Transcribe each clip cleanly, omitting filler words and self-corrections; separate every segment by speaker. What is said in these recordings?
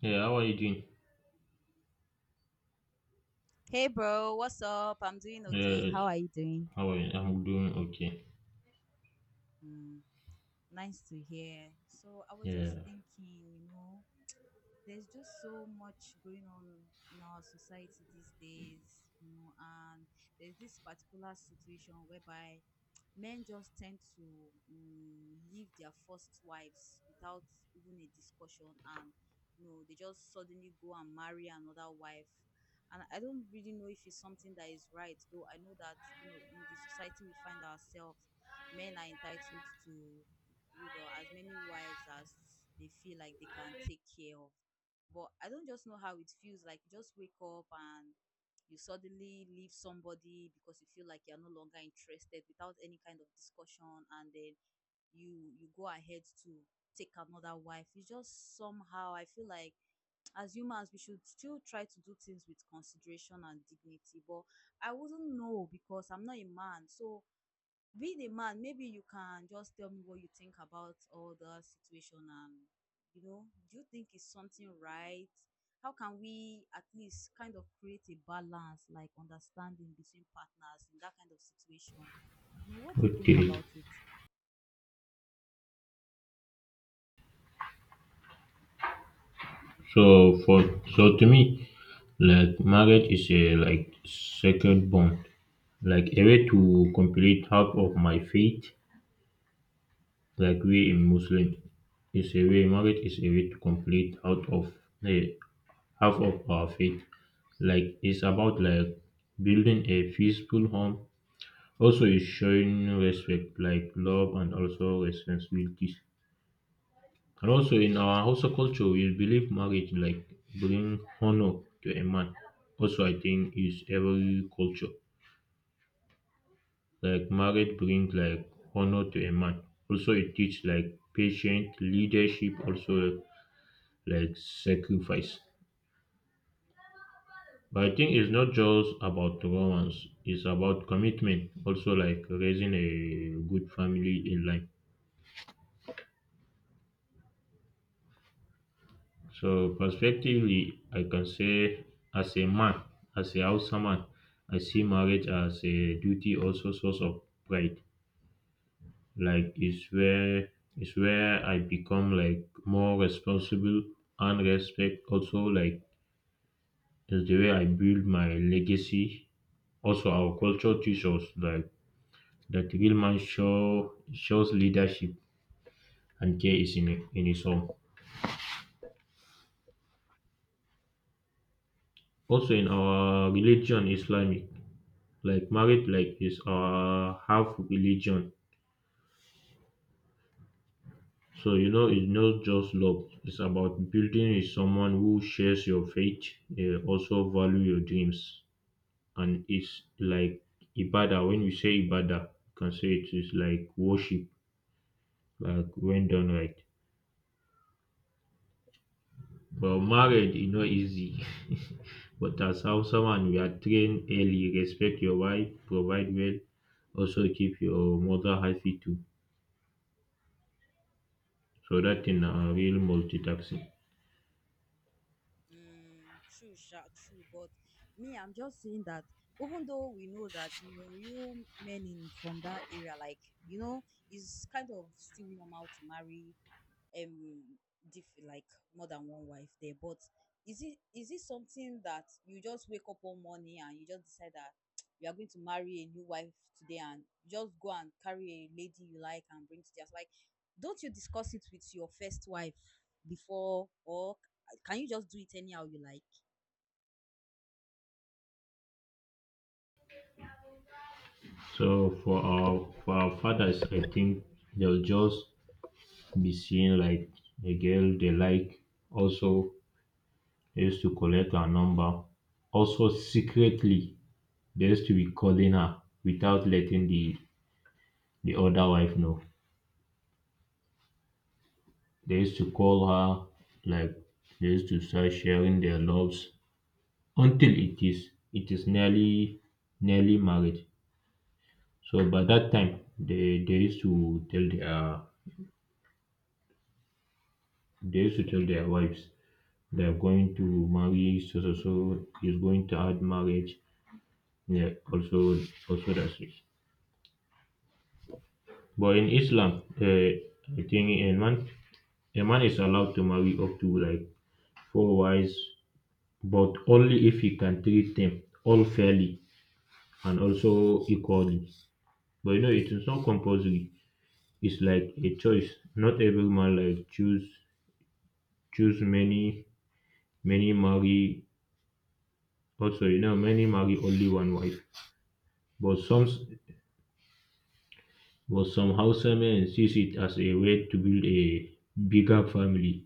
Speaker 1: Yeah, how are you doing?
Speaker 2: Hey bro, what's up? I'm doing okay.
Speaker 1: Yes,
Speaker 2: How are you doing?
Speaker 1: how are you? I'm doing okay.
Speaker 2: Mm, nice to hear. So I was just
Speaker 1: Yeah.
Speaker 2: thinking, you know, there's just so much going on in our society these days, you know, and there's this particular situation whereby men just tend to leave their first wives without even a discussion, and you know they just suddenly go and marry another wife. And I don't really know if it's something that is right, though I know that you know in the society we find ourselves, men are entitled to, you know, as many wives as they feel like they can take care of. But I don't just know how it feels like you just wake up and you suddenly leave somebody because you feel like you're no longer interested without any kind of discussion, and then you go ahead to take another wife. It's just somehow I feel like as humans we should still try to do things with consideration and dignity, but I wouldn't know because I'm not a man. So being a man, maybe you can just tell me what you think about all the situation, and you know, do you think it's something right? How can we at least kind of create a balance, like understanding between partners in that kind of situation? You know, what do you think
Speaker 1: Okay.
Speaker 2: about it?
Speaker 1: So for so to me, marriage is a sacred bond, like a way to complete half of my faith, like we in Muslim. Is a way marriage is a way to complete out of eh, half of our faith. It's about building a peaceful home. Also, it's showing respect, like love and also responsibilities. And also in our Hausa culture, we believe marriage bring honor to a man. Also, I think is every culture marriage bring like honor to a man. Also, it teach like patient leadership. Also, like sacrifice. But I think it's not just about romance. It's about commitment. Also, like raising a good family in life. So prospectively, I can say as a man, as a Hausa man, I see marriage as a duty, also source of pride. Like it's where I become like more responsible and respect, also like it's the way I build my legacy. Also our culture teaches like that real man shows leadership and care is in his home. Also in our religion Islamic, like marriage like is half religion. So you know it's not just love, it's about building with someone who shares your faith, also value your dreams. And it's like ibadah. When you say ibadah, you can say it is like worship, like when done right. But marriage is not easy. But as how someone, we are trained early: respect your wife, provide well, also keep your mother happy too, so that in a real multitasking.
Speaker 2: Mm, true, sha, true. But me, I'm just saying that even though we know that you know you men in from that area, like you know, it's kind of still normal to marry um diff like more than one wife there. But is it something that you just wake up one morning and you just decide that you are going to marry a new wife today, and you just go and carry a lady you like and bring to, just like, don't you discuss it with your first wife before, or can you just do it anyhow you like?
Speaker 1: So for our fathers, I think they'll just be seeing like a girl they like. Also, they used to collect her number. Also, secretly, they used to be calling her without letting the other wife know. They used to call her like they used to start sharing their loves until it is nearly marriage. So by that time, they used to tell their wives they're going to marry so so so he's going to add marriage. Yeah, also, also that's it. But in Islam, I think a man is allowed to marry up to like four wives, but only if he can treat them all fairly and also equally. But you know, it is not compulsory. It's like a choice. Not every man like choose many, many marry. Also, you know, many marry only one wife. but some But some Hausa men sees it as a way to build a bigger family,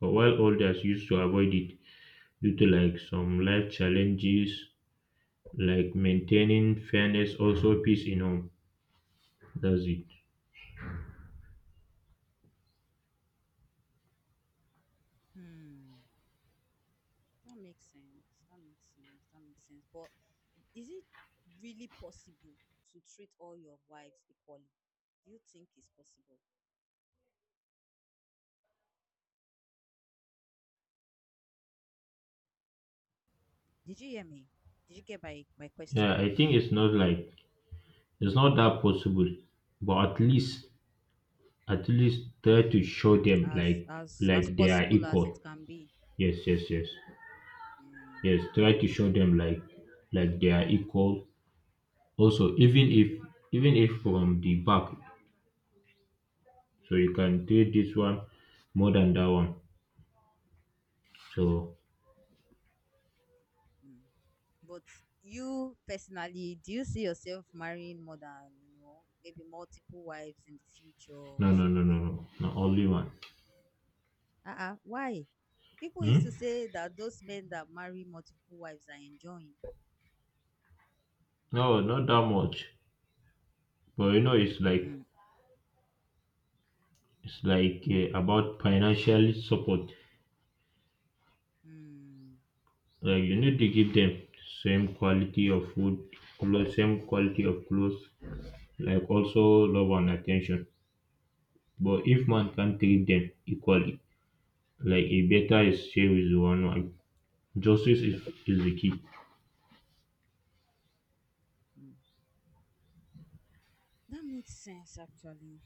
Speaker 1: but while others used to avoid it due to like some life challenges, like maintaining fairness, also peace in home. That's it.
Speaker 2: Hmm, that makes sense, that makes sense. But is it really possible to treat all your wives equally? Do you think it's possible? Did you hear me? Did you get my
Speaker 1: Yeah,
Speaker 2: question?
Speaker 1: I think it's not that possible, but at least try to show them like
Speaker 2: As
Speaker 1: like they are
Speaker 2: possible as
Speaker 1: equal.
Speaker 2: it can be.
Speaker 1: Yes, yes, yes, yes.
Speaker 2: Mm,
Speaker 1: Try to show them like they are equal. Also, even if from the back, so you can take this one more than that one.
Speaker 2: mm,
Speaker 1: So
Speaker 2: mm. But you personally, do you see yourself marrying more than, you know, maybe multiple wives in the future or
Speaker 1: no, no, no, no,
Speaker 2: something?
Speaker 1: no, not only one.
Speaker 2: Uh-uh. Why? People used
Speaker 1: Hmm?
Speaker 2: to say that those men that marry multiple wives are enjoying.
Speaker 1: No, not that much. But you know,
Speaker 2: Mm,
Speaker 1: it's like about financial support.
Speaker 2: mm,
Speaker 1: Like you need to give them same quality of food, clothes, same quality of clothes, like also love and attention. But if man can
Speaker 2: mm,
Speaker 1: treat them equally, like a better is share with one one. Justice is the key.
Speaker 2: mm. That makes sense actually.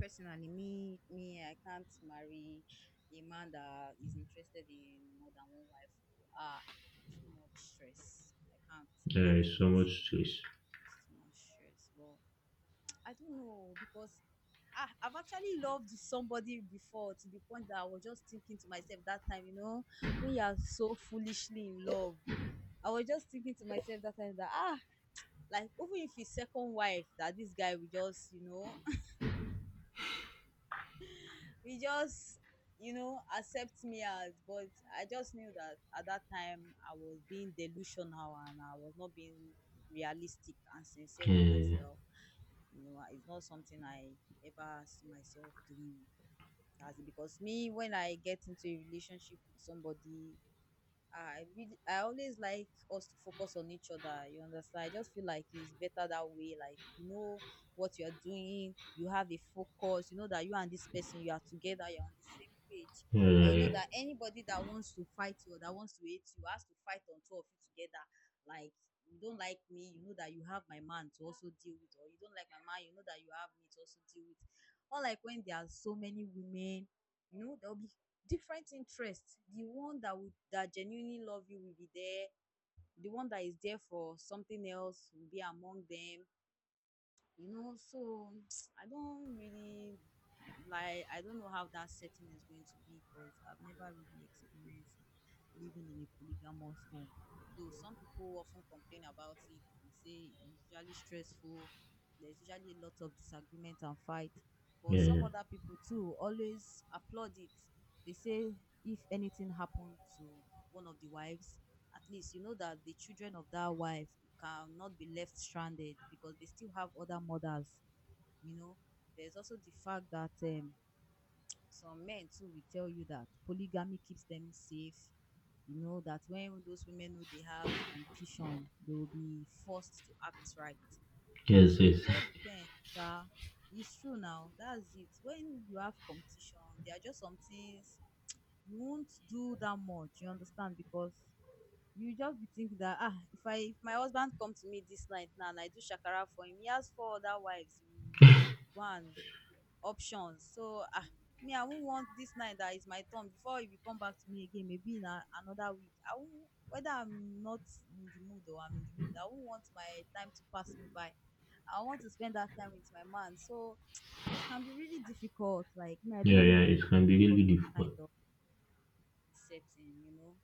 Speaker 2: Personally, me, me, I can't marry a man that is interested in more than one wife. Oh, ah, too much stress. I can't. I
Speaker 1: There
Speaker 2: can't do
Speaker 1: is
Speaker 2: it.
Speaker 1: so
Speaker 2: It's
Speaker 1: much stress.
Speaker 2: too much stress. But I don't know oh, because ah, I've actually loved somebody before to the point that I was just thinking to myself that time, you know, when you are so foolishly in love. I was just thinking to myself that time that ah, like even if it's second wife that this guy will just, you know, he just you know accept me as. But I just knew that at that time I was being delusional and I was not being realistic and sincere with
Speaker 1: Uh,
Speaker 2: myself. You know, it's not something I ever see myself doing, as in, because me, when I get into a relationship with somebody, I really, I always like us to focus on each other. You understand? I just feel like it's better that way. Like, you know what you are doing, you have a focus. You know that you and this person, you are together. You're on the same page, and you know
Speaker 1: uh,
Speaker 2: that anybody that wants to fight you or that wants to hate you has to fight on two of you together. Like, you don't like me, you know that you have my man to also deal with, or you don't like my man, you know that you have me to also deal with. Or like, when there are so many women, you know, there will be different interests. The one that would that genuinely love you will be there. The one that is there for something else will be among them. You know, so I don't really like. I don't know how that setting is going to be because I've never really experienced living in a polygamous home. Though some people often complain about it and say it's usually stressful, there's usually a lot of disagreement and fight. But
Speaker 1: Yeah, yeah.
Speaker 2: some other people too always applaud it. They say if anything happened to one of the wives, at least you know that the children of that wife cannot be left stranded because they still have other mothers, you know. There's also the fact that some men too will tell you that polygamy keeps them safe, you know, that when those women know they have competition, they will be forced to act right.
Speaker 1: Yes,
Speaker 2: So
Speaker 1: yes.
Speaker 2: it all depends. Sha. It's true now. That's it. When you have competition, there are just some things you won't do that much. You understand? Because you just be thinking that ah, if I if my husband come to me this night now and I do shakara for him, he has four other wives. He go and options. So ah, me I won't want this night that is my turn before e go come back to me again maybe na another week. I won't, whether I'm not in the mood or I'm in the mood, I won't want my time to pass me by. I want to spend that time with my man. So it can be really difficult. Like me, I
Speaker 1: Yeah,
Speaker 2: don't
Speaker 1: yeah,
Speaker 2: really
Speaker 1: it
Speaker 2: believe
Speaker 1: can be
Speaker 2: in all
Speaker 1: really
Speaker 2: those kind
Speaker 1: difficult.
Speaker 2: of setting, you know.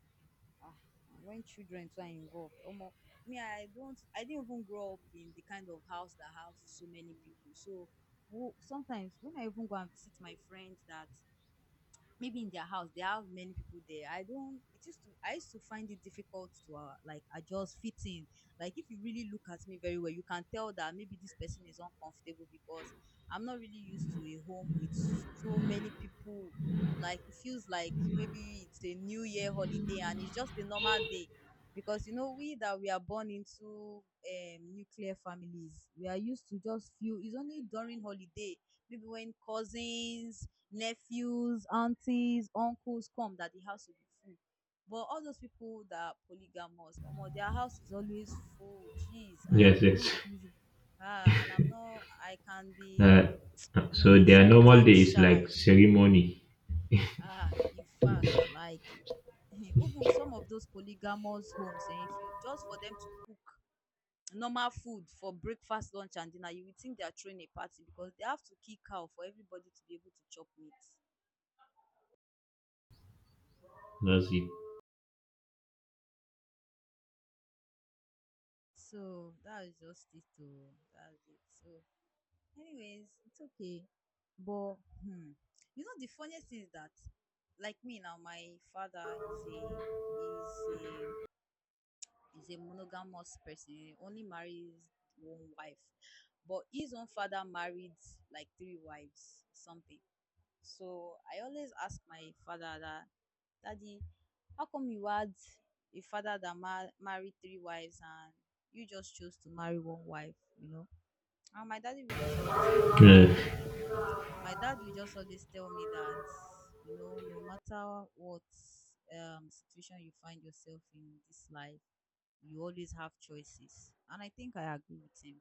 Speaker 2: Ah, and when children too are involved, omo, me I don't I didn't even grow up in the kind of house that have so many people. So sometimes when I even go and visit my friends that maybe in their house they have many people there, I don't, it used to, I used to find it difficult to like adjust fitting. Like, if you really look at me very well, you can tell that maybe this person is uncomfortable because I'm not really used to a home with so many people. Like, it feels like maybe it's a new year holiday and it's just a normal day, because you know we that we are born into nuclear families, we are used to just few. It's only during holiday, maybe when cousins, nephews, aunties, uncles come that the house will be full. But all those people that are polygamous, omo, their house is always full. Jeez, I
Speaker 1: Yes, yes.
Speaker 2: don't usually, ah, and I'm not, I can be,
Speaker 1: Uh,
Speaker 2: you
Speaker 1: so
Speaker 2: know,
Speaker 1: their normal day
Speaker 2: sometimes
Speaker 1: is like
Speaker 2: shy.
Speaker 1: ceremony.
Speaker 2: Ah, in fact, like even some of those polygamous homes, eh, if you just for them to cook normal food for breakfast, lunch, and dinner, you will think they are throwing a party because they have to kill cow for everybody to be able to chop meat.
Speaker 1: That's it.
Speaker 2: So that is just it. Oh, that's it. So, anyways, it's okay. But hmm, you know the funniest thing is that, like me now, my father is a is a is a monogamous person. He only marries one wife, but his own father married like three wives, something. So I always ask my father that, Daddy, how come you had a father that married three wives and you just chose to marry one wife, you know? And my daddy will just always tell me
Speaker 1: Yeah.
Speaker 2: that, my dad will just always tell me that, you know, no matter what situation you find yourself in this life, you always have choices. And I think I agree with him.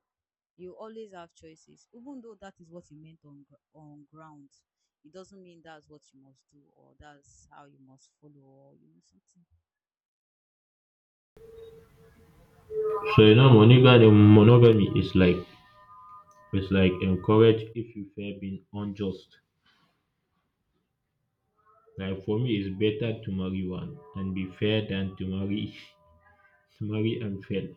Speaker 2: You always have choices. Even though that is what you meant on on ground, it doesn't mean that's what you must do or that's how you must follow, or you know something.
Speaker 1: So you know, monogamy is like it's like encouraged if you fear being unjust. Like for me, it's better to marry one and be fair than to marry to
Speaker 2: Hmm.
Speaker 1: marry and fail.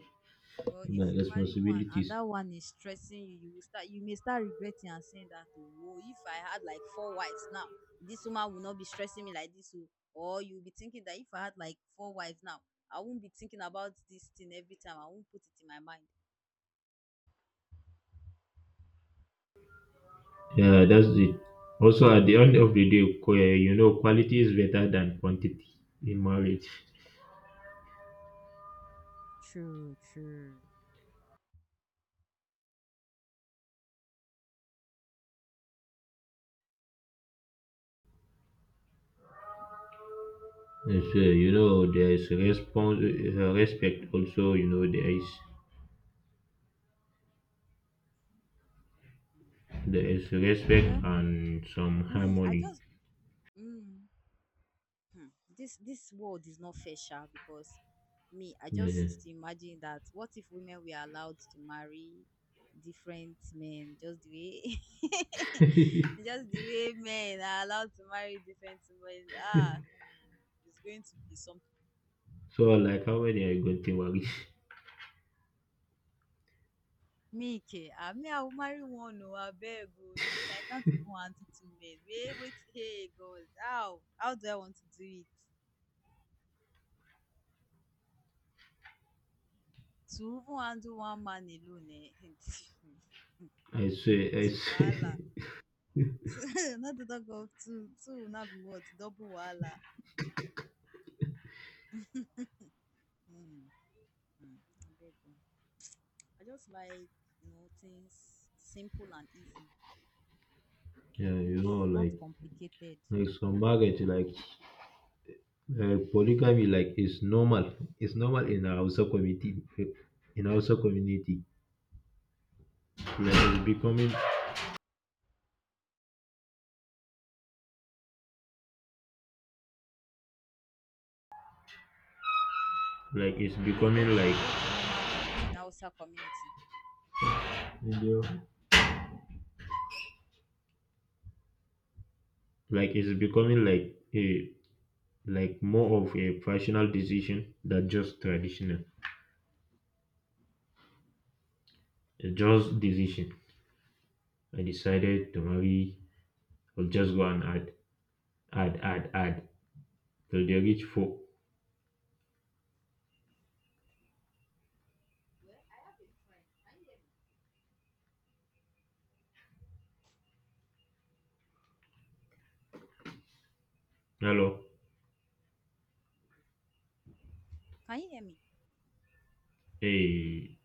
Speaker 2: But
Speaker 1: My
Speaker 2: if you marry one and
Speaker 1: responsibilities.
Speaker 2: that one is stressing you, you will start, you may start regretting and saying that, "Oh, if I had like four wives now, this woman will not be stressing me like this oh." Or you'll be thinking that if I had like four wives now, I won't be thinking about this thing every time, I won't put it in my mind.
Speaker 1: Yeah, that's it. Also, at the end of the day, you know, quality is better than quantity in marriage.
Speaker 2: True, true.
Speaker 1: Yes, you know, there is respect, also, you know,
Speaker 2: Hmm.
Speaker 1: there is respect
Speaker 2: Well,
Speaker 1: and some
Speaker 2: me, I
Speaker 1: harmony.
Speaker 2: just. Mm. Hmm, this world is not fair, sha, because me, I
Speaker 1: Yeah,
Speaker 2: just
Speaker 1: yeah.
Speaker 2: used to imagine that what if women were allowed to marry different men, just the way, just the way men are allowed to marry different women. Ah, hmm, it's going to be something.
Speaker 1: So like how many are you going to marry?
Speaker 2: Me, ke, ah, me, I will marry one. No, I beg, oh, eh, I can't even handle two men. Wait, wait, hey, God, how do I want to do it? To even handle one man alone, eh?
Speaker 1: I say, I
Speaker 2: The wahala
Speaker 1: say.
Speaker 2: no dey talk of two two now be what double wahala. um um Abeg o, I just like, you know, things simple and easy,
Speaker 1: Yeah,
Speaker 2: not
Speaker 1: you know,
Speaker 2: not complicated.
Speaker 1: like some marriage like polygamy like is normal. It's normal in our Hausa community. In our Hausa community. Like it's becoming like it's
Speaker 2: What
Speaker 1: becoming like
Speaker 2: what's normal in hausa community?
Speaker 1: you know, like it's becoming like a like more of a personal decision than just traditional. It's just decision. I decided to marry. I'll just go and add till they reach four.
Speaker 2: Well, I have a friend. Can you hear me?
Speaker 1: Hello.
Speaker 2: Can you hear me?
Speaker 1: Hey.